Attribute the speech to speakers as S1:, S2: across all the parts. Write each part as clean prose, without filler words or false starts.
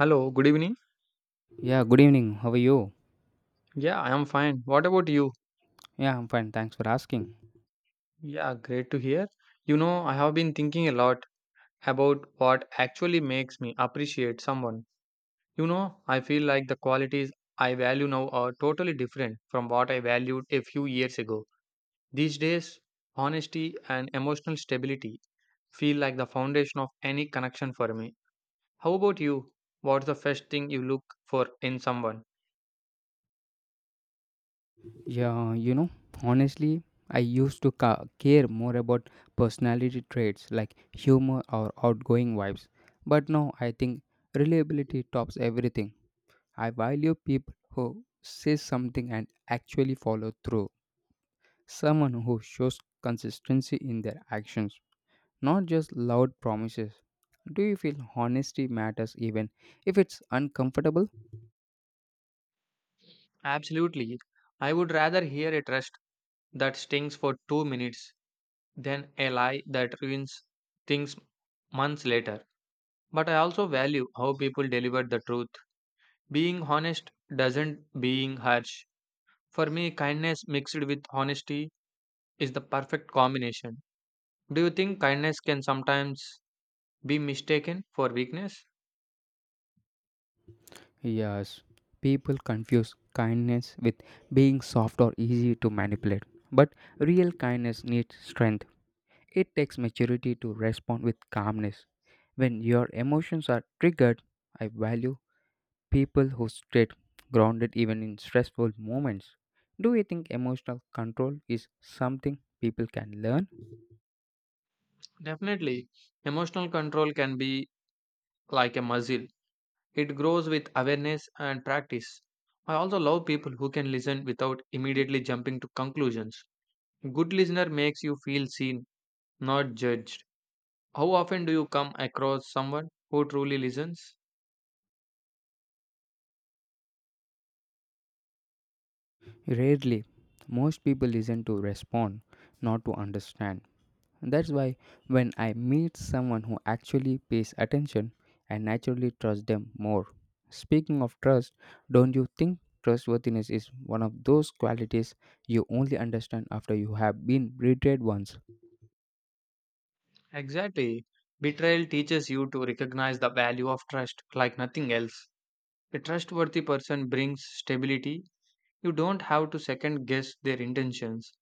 S1: Hello, good evening.
S2: Yeah, good evening. How are you?
S1: Yeah, I am fine. What about you?
S2: Yeah, I'm fine. Thanks for asking.
S1: Yeah, great to hear. You know, I have been thinking a lot about what actually makes me appreciate someone. You know, I feel like the qualities I value now are totally different from what I valued a few years ago. These days, honesty and emotional stability feel like the foundation of any connection for me. How about you? What's the first thing you look for in someone?
S2: Yeah, you know, honestly, I used to care more about personality traits like humor or outgoing vibes. But now I think reliability tops everything. I value people who say something and actually follow through. Someone who shows consistency in their actions, not just loud promises. Do you feel honesty matters even if it's uncomfortable?
S1: Absolutely. I would rather hear a trust that stings for 2 minutes than a lie that ruins things months later. But I also value how people deliver the truth. Being honest doesn't being harsh. For me, kindness mixed with honesty is the perfect combination. Do you think kindness can sometimes be mistaken for weakness?
S2: Yes, people confuse kindness with being soft or easy to manipulate. But real kindness needs strength. It takes maturity to respond with calmness. When your emotions are triggered, I value people who stay grounded even in stressful moments. Do you think emotional control is something people can learn?
S1: Definitely. Emotional control can be like a muscle. It grows with awareness and practice. I also love people who can listen without immediately jumping to conclusions. Good listener makes you feel seen, not judged. How often do you come across someone who truly listens?
S2: Rarely, most people listen to respond, not to understand. That's why when I meet someone who actually pays attention, I naturally trust them more. Speaking of trust, don't you think trustworthiness is one of those qualities you only understand after you have been betrayed once?
S1: Exactly. Betrayal teaches you to recognize the value of trust like nothing else. A trustworthy person brings stability. You don't have to second guess their intentions.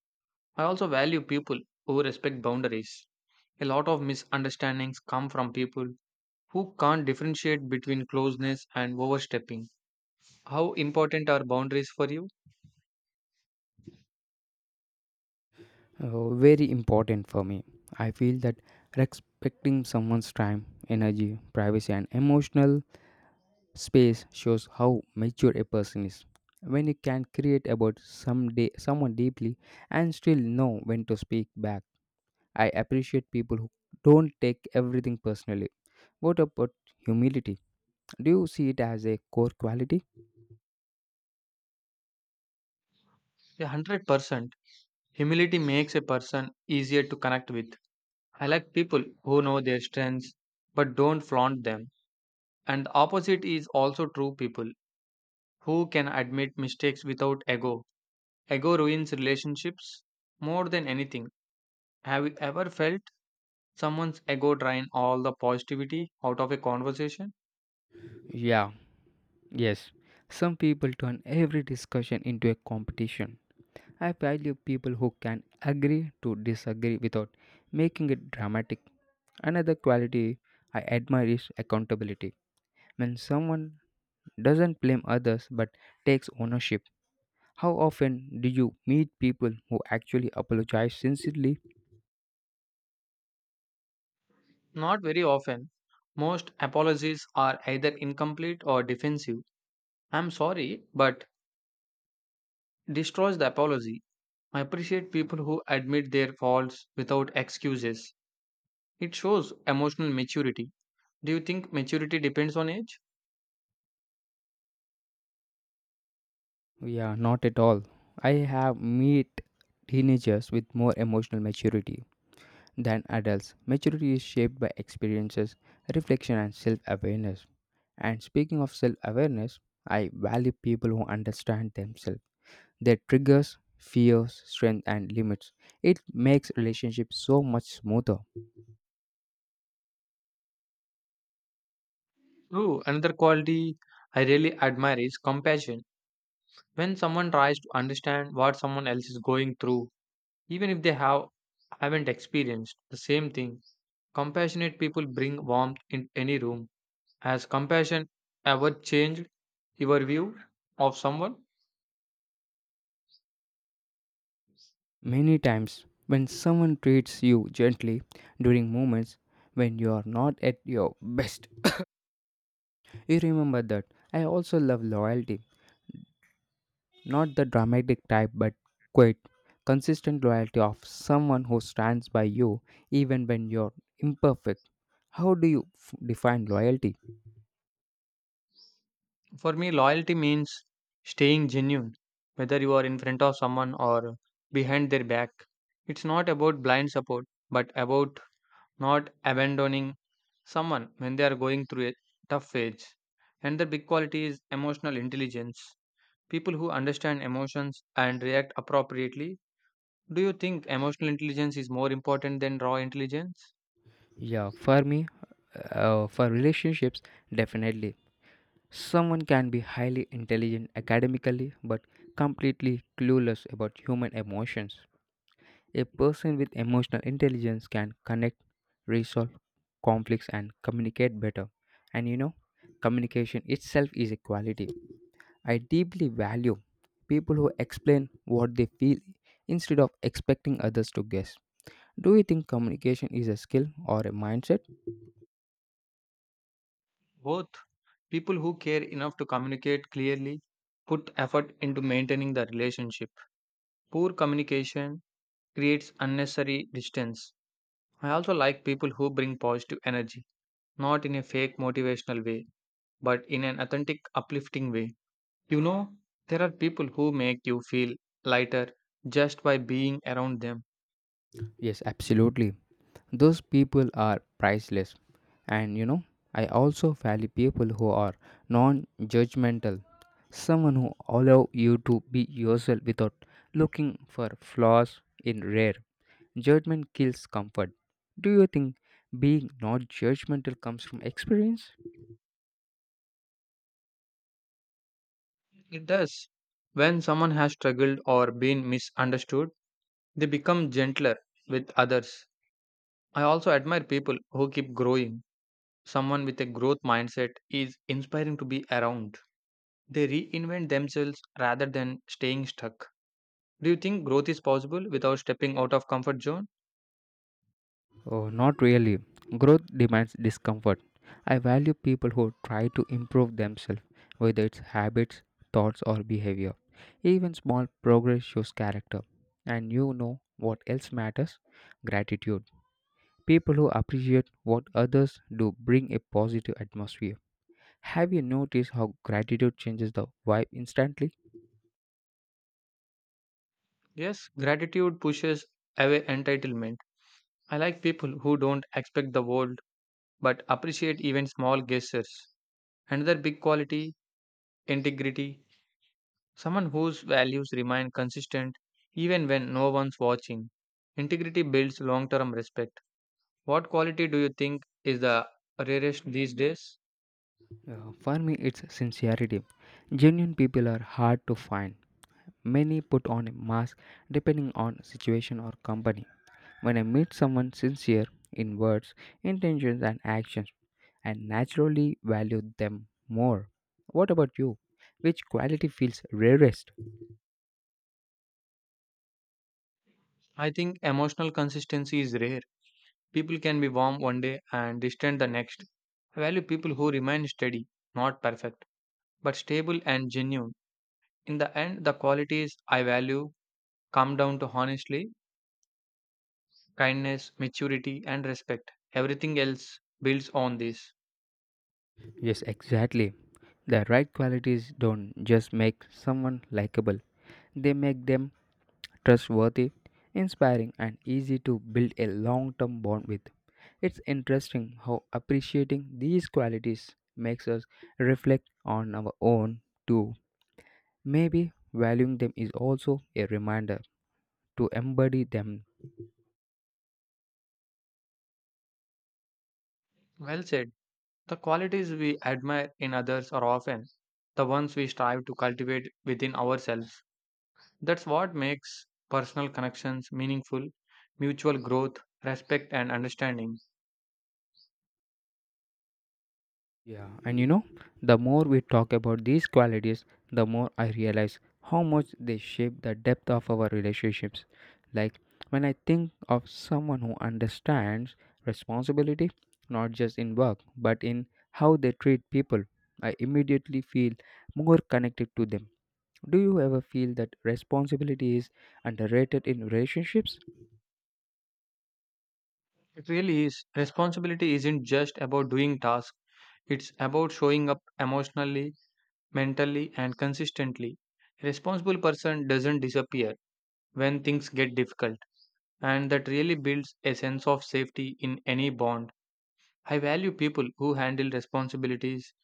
S1: I also value people who respect boundaries. A lot of misunderstandings come from people who can't differentiate between closeness and overstepping. How important are boundaries for you?
S2: Very important for me. I feel that respecting someone's time, energy, privacy, and emotional space shows how mature a person is. When you can create about someday someone deeply and still know when to speak back, I appreciate people who don't take everything personally. What about humility? Do you see it as a core quality?
S1: 100%. Humility makes a person easier to connect with. I like people who know their strengths but don't flaunt them. And the opposite is also true, people who can admit mistakes without ego. Ego ruins relationships more than anything. Have you ever felt someone's ego drain all the positivity out of a conversation?
S2: Yeah, yes. Some people turn every discussion into a competition. I value people who can agree to disagree without making it dramatic. Another quality I admire is accountability. When someone doesn't blame others but takes ownership, how often do you meet people who actually apologize sincerely?
S1: Not very often. Most apologies are either incomplete or defensive. I'm sorry, but destroys the apology. I appreciate people who admit their faults without excuses. It shows emotional maturity. Do you think maturity depends on age?
S2: Yeah, not at all. I have met teenagers with more emotional maturity than adults. Maturity is shaped by experiences, reflection, and self awareness. And speaking of self awareness, I value people who understand themselves, their triggers, fears, strength, and limits. It makes relationships so much smoother.
S1: True. Another quality I really admire is compassion. When someone tries to understand what someone else is going through, even if they haven't experienced the same thing, compassionate people bring warmth in any room. Has compassion ever changed your view of someone?
S2: Many times, when someone treats you gently during moments when you are not at your best, you remember that. I also love loyalty. Not the dramatic type, but quite consistent loyalty of someone who stands by you even when you're imperfect. How do you define loyalty?
S1: For me, loyalty means staying genuine, whether you are in front of someone or behind their back. It's not about blind support, but about not abandoning someone when they are going through a tough phase. And the big quality is emotional intelligence. People who understand emotions and react appropriately. Do you think emotional intelligence is more important than raw intelligence?
S2: Yeah, for me, for relationships, definitely. Someone can be highly intelligent academically but completely clueless about human emotions. A person with emotional intelligence can connect, resolve conflicts, and communicate better. And you know, communication itself is a quality I deeply value. People who explain what they feel instead of expecting others to guess. Do you think communication is a skill or a mindset?
S1: Both. People who care enough to communicate clearly put effort into maintaining the relationship. Poor communication creates unnecessary distance. I also like people who bring positive energy, not in a fake motivational way, but in an authentic, uplifting way. You know, there are people who make you feel lighter just by being around them.
S2: Yes, absolutely. Those people are priceless. And you know, I also value people who are non judgmental. Someone who allow you to be yourself without looking for flaws in rare. Judgment kills comfort. Do you think being not judgmental comes from experience?
S1: It does. When someone has struggled or been misunderstood, they become gentler with others. I also admire people who keep growing. Someone with a growth mindset is inspiring to be around. They reinvent themselves rather than staying stuck. Do you think growth is possible without stepping out of comfort zone?
S2: Oh, not really. Growth demands discomfort. I value people who try to improve themselves, whether it's habits, thoughts, or behavior. Even small progress shows character. And you know what else matters? Gratitude. People who appreciate what others do bring a positive atmosphere. Have you noticed how gratitude changes the vibe instantly?
S1: Yes, gratitude pushes away entitlement. I like people who don't expect the world but appreciate even small gestures. Another big quality, integrity. Someone whose values remain consistent even when no one's watching. Integrity builds long term respect. What quality do you think is the rarest these days?
S2: For me, it's sincerity. Genuine people are hard to find. Many put on a mask depending on situation or company. When I meet someone sincere in words, intentions and actions, I naturally value them more. What about you? Which quality feels rarest?
S1: I think emotional consistency is rare. People can be warm one day and distant the next. I value people who remain steady, not perfect, but stable and genuine. In the end, the qualities I value come down to honestly, kindness, maturity, and respect. Everything else builds on this.
S2: Yes, exactly. The right qualities don't just make someone likable, they make them trustworthy, inspiring, and easy to build a long term bond with. It's interesting how appreciating these qualities makes us reflect on our own too. Maybe valuing them is also a reminder to embody them.
S1: Well said. The qualities we admire in others are often the ones we strive to cultivate within ourselves. That's what makes personal connections meaningful, mutual growth, respect, and understanding.
S2: Yeah, and you know, the more we talk about these qualities, the more I realize how much they shape the depth of our relationships. Like when I think of someone who understands responsibility, not just in work, but in how they treat people, I immediately feel more connected to them. Do you ever feel that responsibility is underrated in relationships?
S1: It really is. Responsibility isn't just about doing tasks, it's about showing up emotionally, mentally, and consistently. A responsible person doesn't disappear when things get difficult, and that really builds a sense of safety in any bond. I value people who handle responsibilities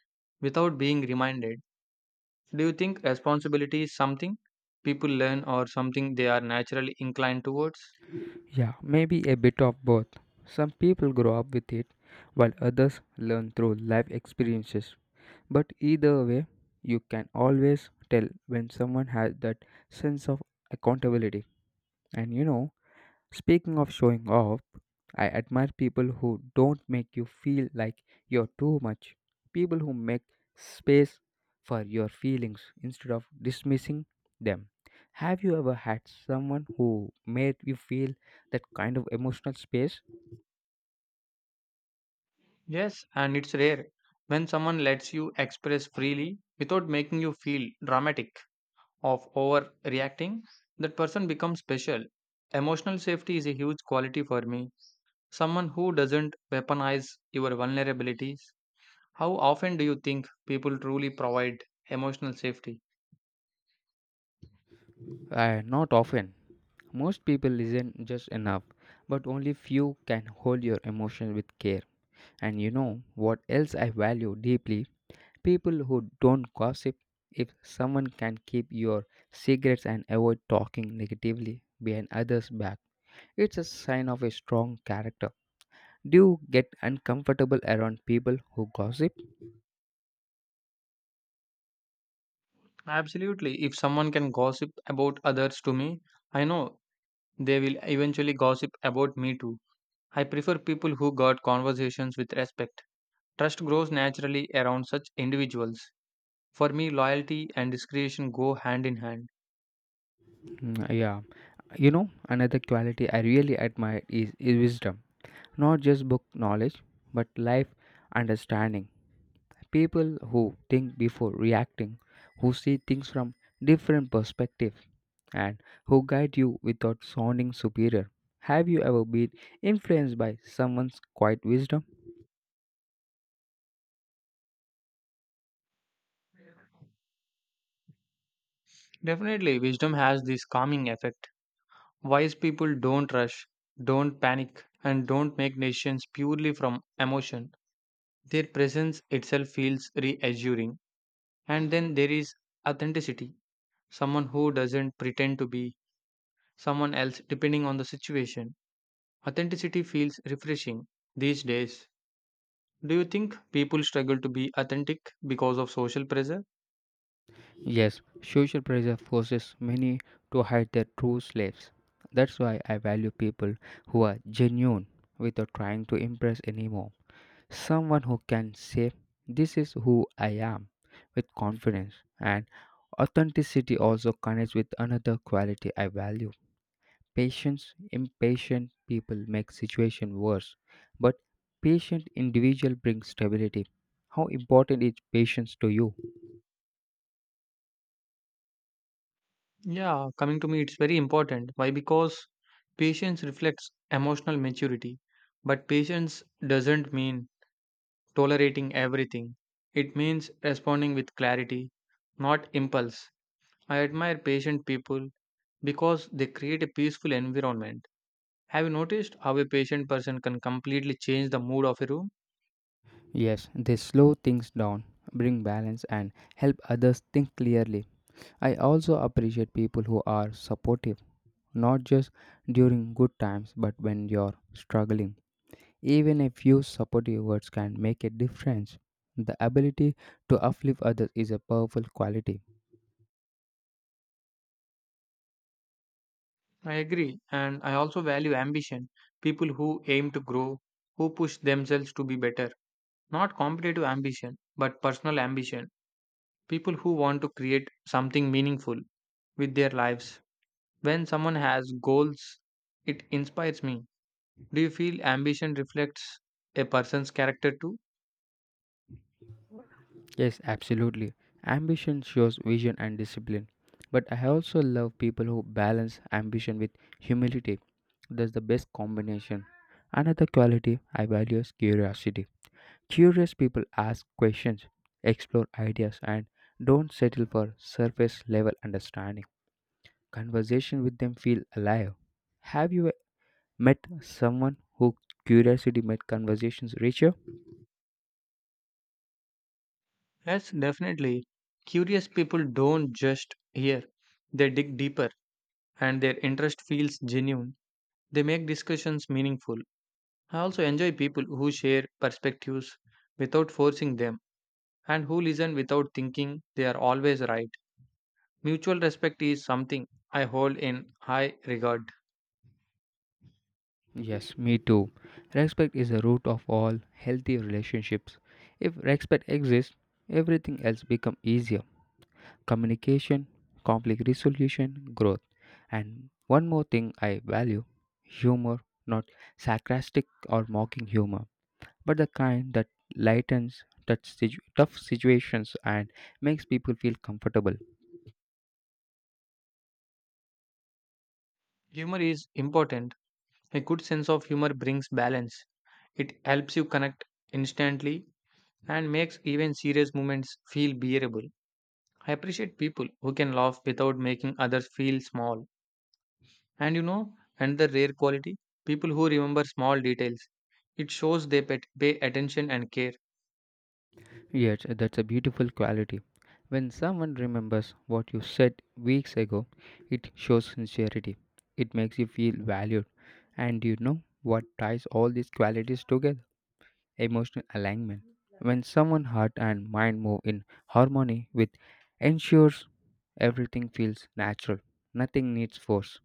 S1: without being reminded. Do you think responsibility is something people learn or something they are naturally inclined towards?
S2: Yeah, maybe a bit of both. Some people grow up with it, while others learn through life experiences. But either way, you can always tell when someone has that sense of accountability. And you know, speaking of showing off, I admire people who don't make you feel like you're too much. People who make space for your feelings instead of dismissing them. Have you ever had someone who made you feel that kind of emotional space?
S1: Yes, and it's rare when someone lets you express freely without making you feel dramatic of overreacting, that person becomes special. Emotional safety is a huge quality for me. Someone who doesn't weaponize your vulnerabilities. How often do you think people truly provide emotional safety?
S2: Not often. Most people listen just enough, but only few can hold your emotions with care. And you know what else I value deeply? People who don't gossip. If someone can keep your secrets and avoid talking negatively behind others' back, it's a sign of a strong character. Do you get uncomfortable around people who gossip?
S1: Absolutely. If someone can gossip about others to me, I know they will eventually gossip about me too. I prefer people who guard conversations with respect. Trust grows naturally around such individuals. For me, loyalty and discretion go hand in hand.
S2: Yeah, you know, another quality I really admire is wisdom, not just book knowledge, but life understanding. People who think before reacting, who see things from different perspectives, and who guide you without sounding superior. Have you ever been influenced by someone's quiet wisdom?
S1: Definitely, wisdom has this calming effect. Wise people don't rush, don't panic, and don't make decisions purely from emotion. Their presence itself feels reassuring. And then there is authenticity, someone who doesn't pretend to be someone else depending on the situation. Authenticity feels refreshing these days. Do you think people struggle to be authentic because of social pressure?
S2: Yes, social pressure forces many to hide their true selves. That's why I value people who are genuine without trying to impress anymore. Someone who can say, "This is who I am," with confidence. And authenticity also connects with another quality I value. Patience, impatient people make situation worse, but patient individual brings stability. How important is patience to you?
S1: Yeah, coming to me, it's very important. Why? Because patience reflects emotional maturity. But patience doesn't mean tolerating everything, it means responding with clarity, not impulse. I admire patient people because they create a peaceful environment. Have you noticed how a patient person can completely change the mood of a room?
S2: Yes, they slow things down, bring balance, and help others think clearly. I also appreciate people who are supportive, not just during good times, but when you're struggling. Even a few supportive words can make a difference. The ability to uplift others is a powerful quality.
S1: I agree. And I also value ambition, people who aim to grow, who push themselves to be better. Not competitive ambition, but personal ambition. People who want to create something meaningful with their lives. When someone has goals, it inspires me. Do you feel ambition reflects a person's character too?
S2: Yes, absolutely. Ambition shows vision and discipline. But I also love people who balance ambition with humility. That's the best combination. Another quality I value is curiosity. Curious people ask questions, explore ideas, and don't settle for surface level understanding. Conversation with them feel alive. Have you met someone who curiosity made conversations richer?
S1: Yes, definitely. Curious people don't just hear, they dig deeper and their interest feels genuine. They make discussions meaningful. I also enjoy people who share perspectives without forcing them and who listen without thinking they are always right. Mutual respect is something I hold in high regard.
S2: Yes, me too. Respect is the root of all healthy relationships. If respect exists, everything else becomes easier. Communication, conflict resolution, growth. And one more thing I value, humor, not sarcastic or mocking humor, but the kind that lightens tough situations and makes people feel comfortable.
S1: Humor is important. A good sense of humor brings balance. It helps you connect instantly and makes even serious moments feel bearable. I appreciate people who can laugh without making others feel small. And you know, another rare quality, people who remember small details. It shows they pay attention and care.
S2: Yet, that's a beautiful quality. When someone remembers what you said weeks ago, it shows sincerity. It makes you feel valued. And you know what ties all these qualities together? Emotional alignment. When someone's heart and mind move in harmony with ensures everything feels natural. Nothing needs force.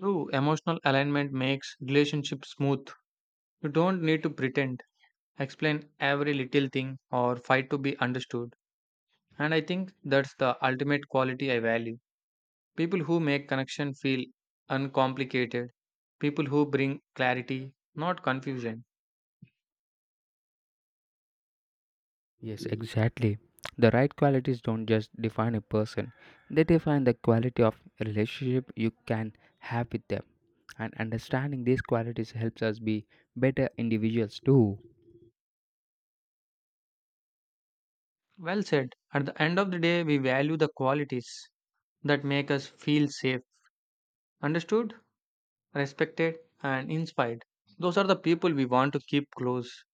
S1: True emotional alignment makes relationships smooth. You don't need to pretend, explain every little thing, or fight to be understood. And I think that's the ultimate quality I value. People who make connection feel uncomplicated, people who bring clarity, not confusion.
S2: Yes, exactly. The right qualities don't just define a person, they define the quality of relationship you can have with them. And understanding these qualities helps us be better individuals too.
S1: Well said. At the end of the day, we value the qualities that make us feel safe, understood, respected, and inspired. Those are the people we want to keep close.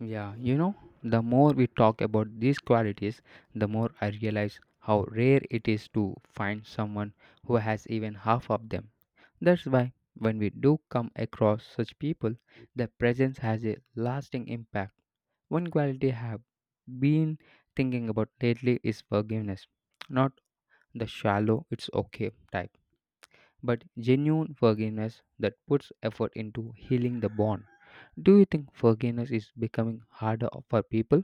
S2: Yeah, you know, the more we talk about these qualities, the more I realize how rare it is to find someone who has even half of them. That's why, when we do come across such people, their presence has a lasting impact. One quality I have been thinking about lately is forgiveness. Not the shallow, "it's okay" type, but genuine forgiveness that puts effort into healing the bond. Do you think forgiveness is becoming harder for people?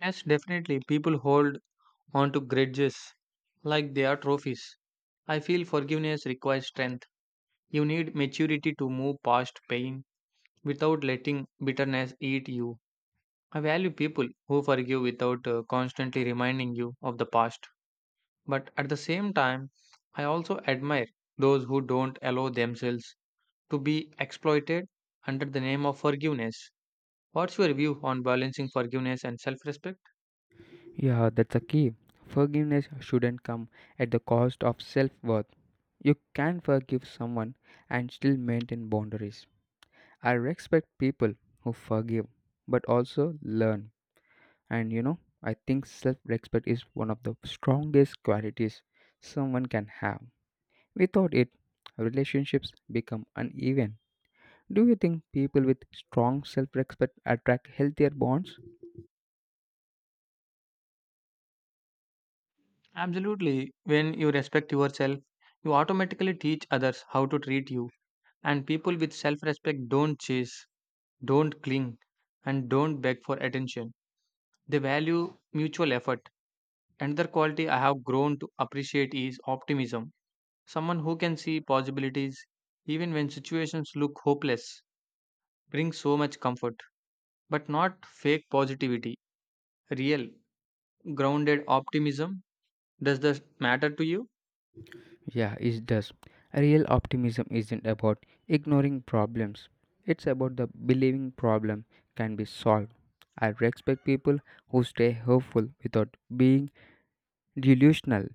S1: Yes, definitely, people hold on to grudges like they are trophies. I feel forgiveness requires strength. You need maturity to move past pain without letting bitterness eat you. I value people who forgive without constantly reminding you of the past. But at the same time, I also admire those who don't allow themselves to be exploited under the name of forgiveness. What's your view on balancing forgiveness and self respect?
S2: Yeah, that's a key. Forgiveness shouldn't come at the cost of self worth. You can forgive someone and still maintain boundaries. I respect people who forgive but also learn. And you know, I think self respect is one of the strongest qualities someone can have. Without it, relationships become uneven. Do you think people with strong self respect attract healthier bonds?
S1: Absolutely. When you respect yourself, you automatically teach others how to treat you, and people with self respect don't chase, don't cling, and don't beg for attention. They value mutual effort. Another quality I have grown to appreciate is optimism. Someone who can see possibilities even when situations look hopeless brings so much comfort, but not fake positivity. Real, grounded optimism. Does this matter to you?
S2: Yeah, it does. Real optimism isn't about ignoring problems. It's about the believing problem can be solved. I respect people who stay hopeful without being delusional,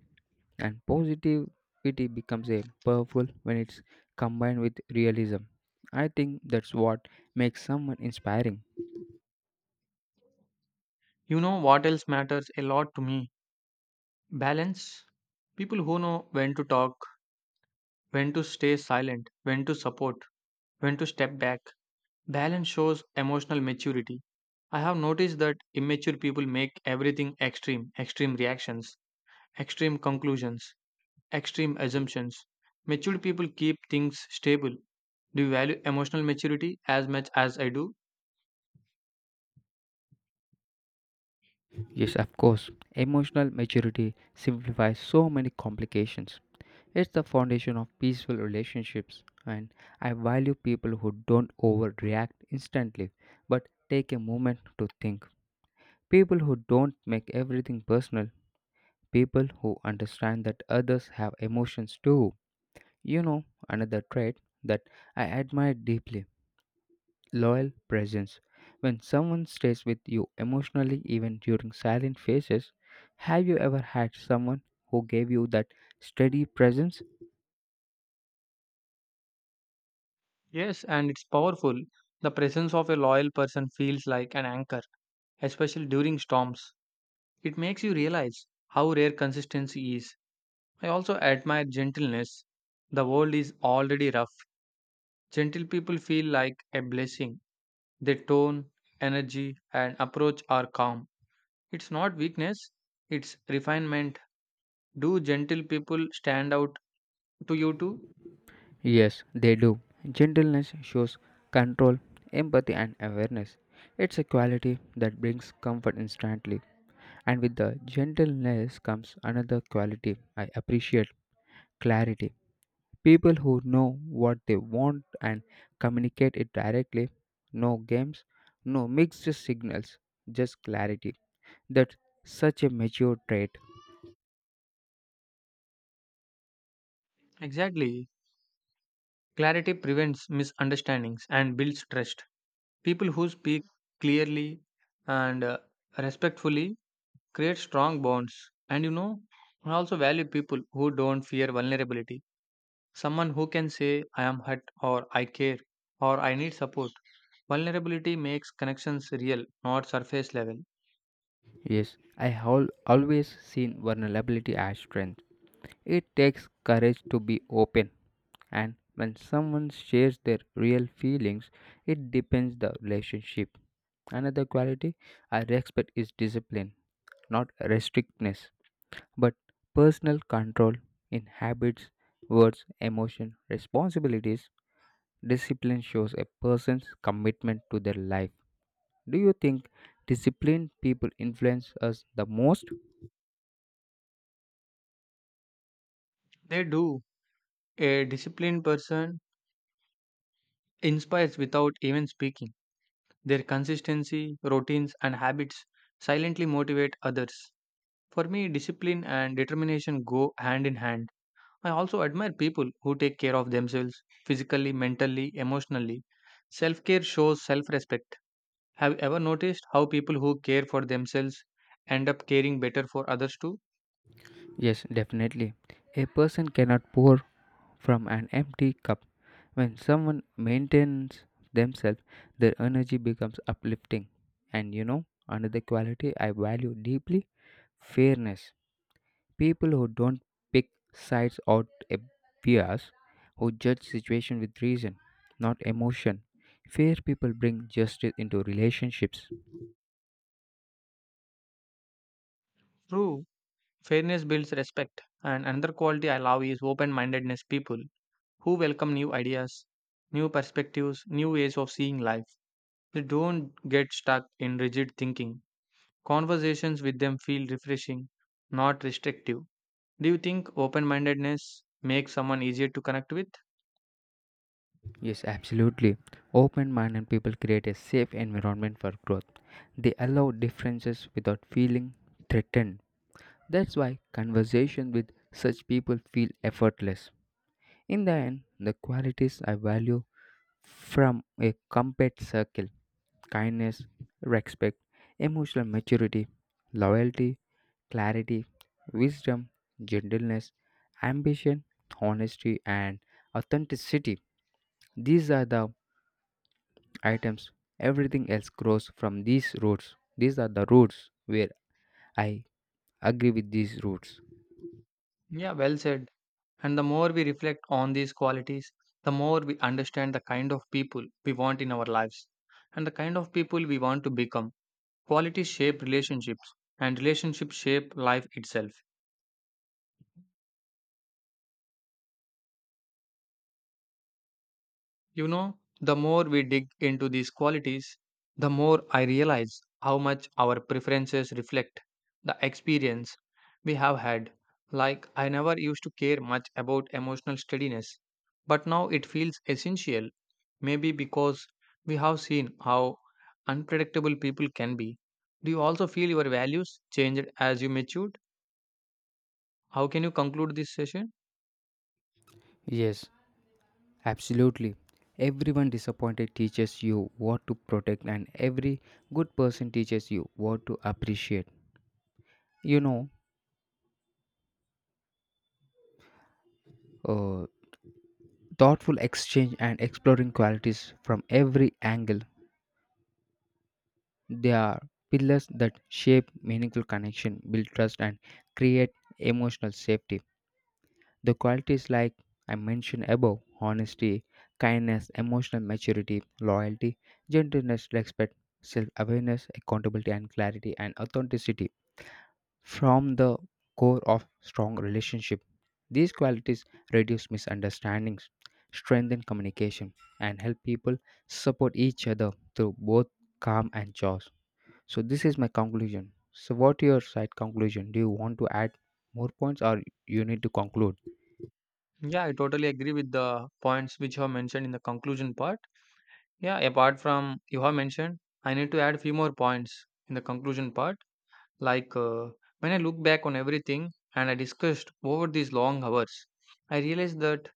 S2: and positivity becomes a powerful when it's combined with realism. I think that's what makes someone inspiring.
S1: You know what else matters a lot to me? Balance. People who know when to talk, when to stay silent, when to support, when to step back. Balance shows emotional maturity. I have noticed that immature people make everything extreme, extreme reactions, extreme conclusions, extreme assumptions. Mature people keep things stable. Do you value emotional maturity as much as I do?
S2: Yes, of course, emotional maturity simplifies so many complications. It's the foundation of peaceful relationships, and I value people who don't overreact instantly but take a moment to think. People who don't make everything personal, people who understand that others have emotions too. You know, another trait that I admire deeply, loyal presence. When someone stays with you emotionally, even during silent phases, have you ever had someone who gave you that steady presence?
S1: Yes, and it's powerful. The presence of a loyal person feels like an anchor, especially during storms. It makes you realize how rare consistency is. I also admire gentleness. The world is already rough, gentle people feel like a blessing. Their tone, energy, and approach are calm. It's not weakness, it's refinement. Do gentle people stand out to you too?
S2: Yes, they do. Gentleness shows control, empathy, and awareness. It's a quality that brings comfort instantly. And with the gentleness comes another quality I appreciate, clarity. People who know what they want and communicate it directly, no games, no mixed signals, just clarity. That's such a mature trait.
S1: Exactly. Clarity prevents misunderstandings and builds trust. People who speak clearly and respectfully create strong bonds. And you know, I also value people who don't fear vulnerability. Someone who can say, I am hurt, or I care, or I need support. Vulnerability makes connections real, not surface level.
S2: Yes, I have always seen vulnerability as strength. It takes courage to be open, and when someone shares their real feelings, it deepens the relationship. Another quality I respect is discipline, not restrictness, but personal control in habits, words, emotion, responsibilities. Discipline shows a person's commitment to their life. Do you think disciplined people influence us the most?
S1: They do. A disciplined person inspires without even speaking. Their consistency, routines, and habits silently motivate others. For me, discipline and determination go hand in hand. I also admire people who take care of themselves physically, mentally, emotionally. Self care shows self respect. Have you ever noticed how people who care for themselves end up caring better for others too?
S2: Yes, definitely. A person cannot pour from an empty cup. When someone maintains themselves, their energy becomes uplifting. And you know, another quality I value deeply, fairness. People who don't pick sides out a bias, who judge situation with reason, not emotion. Fair people bring justice into relationships.
S1: True, fairness builds respect. And another quality I love is open mindedness, people who welcome new ideas, new perspectives, new ways of seeing life. They don't get stuck in rigid thinking. Conversations with them feel refreshing, not restrictive. Do you think open mindedness makes someone easier to connect with?
S2: Yes, absolutely. Open-minded people create a safe environment for growth. They allow differences without feeling threatened. That's why conversation with such people feel effortless. In the end, the qualities I value from a compact circle, kindness, respect, emotional maturity, loyalty, clarity, wisdom, gentleness, ambition, honesty, and authenticity. These are the items. Everything else grows from these roots. These are the roots where I agree with these rules.
S1: Yeah, well said. And the more we reflect on these qualities, the more we understand the kind of people we want in our lives and the kind of people we want to become. Qualities shape relationships, and relationships shape life itself. You know, the more we dig into these qualities, the more I realize how much our preferences reflect the experience we have had. Like, I never used to care much about emotional steadiness, but now it feels essential, maybe because we have seen how unpredictable people can be. Do you also feel your values changed as you matured? How can you conclude this session?
S2: Yes, absolutely. Everyone disappointed teaches you what to protect, and every good person teaches you what to appreciate. You know, uh, thoughtful exchange and exploring qualities from every angle. They are pillars that shape meaningful connection, build trust, and create emotional safety. The qualities like I mentioned above, honesty, kindness, emotional maturity, loyalty, gentleness, respect, self awareness, accountability, and clarity and authenticity from the core of strong relationship. These qualities reduce misunderstandings, strengthen communication, and help people support each other through both calm and chaos. So, this is my conclusion. So, what your side conclusion? Do you want to add more points or you need to conclude?
S1: Yeah, I totally agree with the points which you have mentioned in the conclusion part. Yeah, apart from you have mentioned, I need to add a few more points in the conclusion part. Like when I look back on everything and I discussed over these long hours, I realized that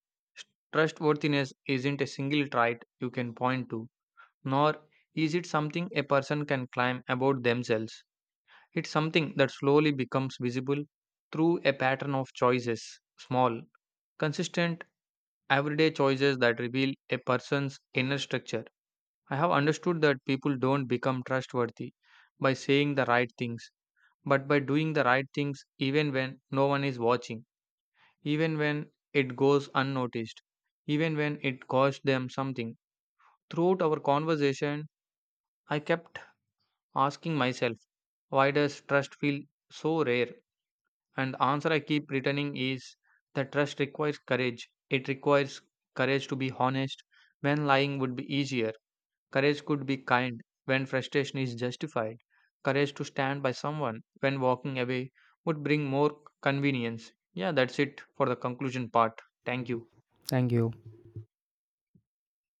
S1: trustworthiness isn't a single trait you can point to, nor is it something a person can climb about themselves. It's something that slowly becomes visible through a pattern of choices, small, consistent, everyday choices that reveal a person's inner structure. I have understood that people don't become trustworthy by saying the right things, but by doing the right things even when no one is watching, even when it goes unnoticed, even when it costs them something. Throughout our conversation, I kept asking myself, why does trust feel so rare? And the answer I keep returning is that trust requires courage. It requires courage to be honest when lying would be easier. Courage could be kind when frustration is justified. Courage to stand by someone when walking away would bring more convenience. Yeah, that's it for the conclusion part. Thank you.
S2: Thank you.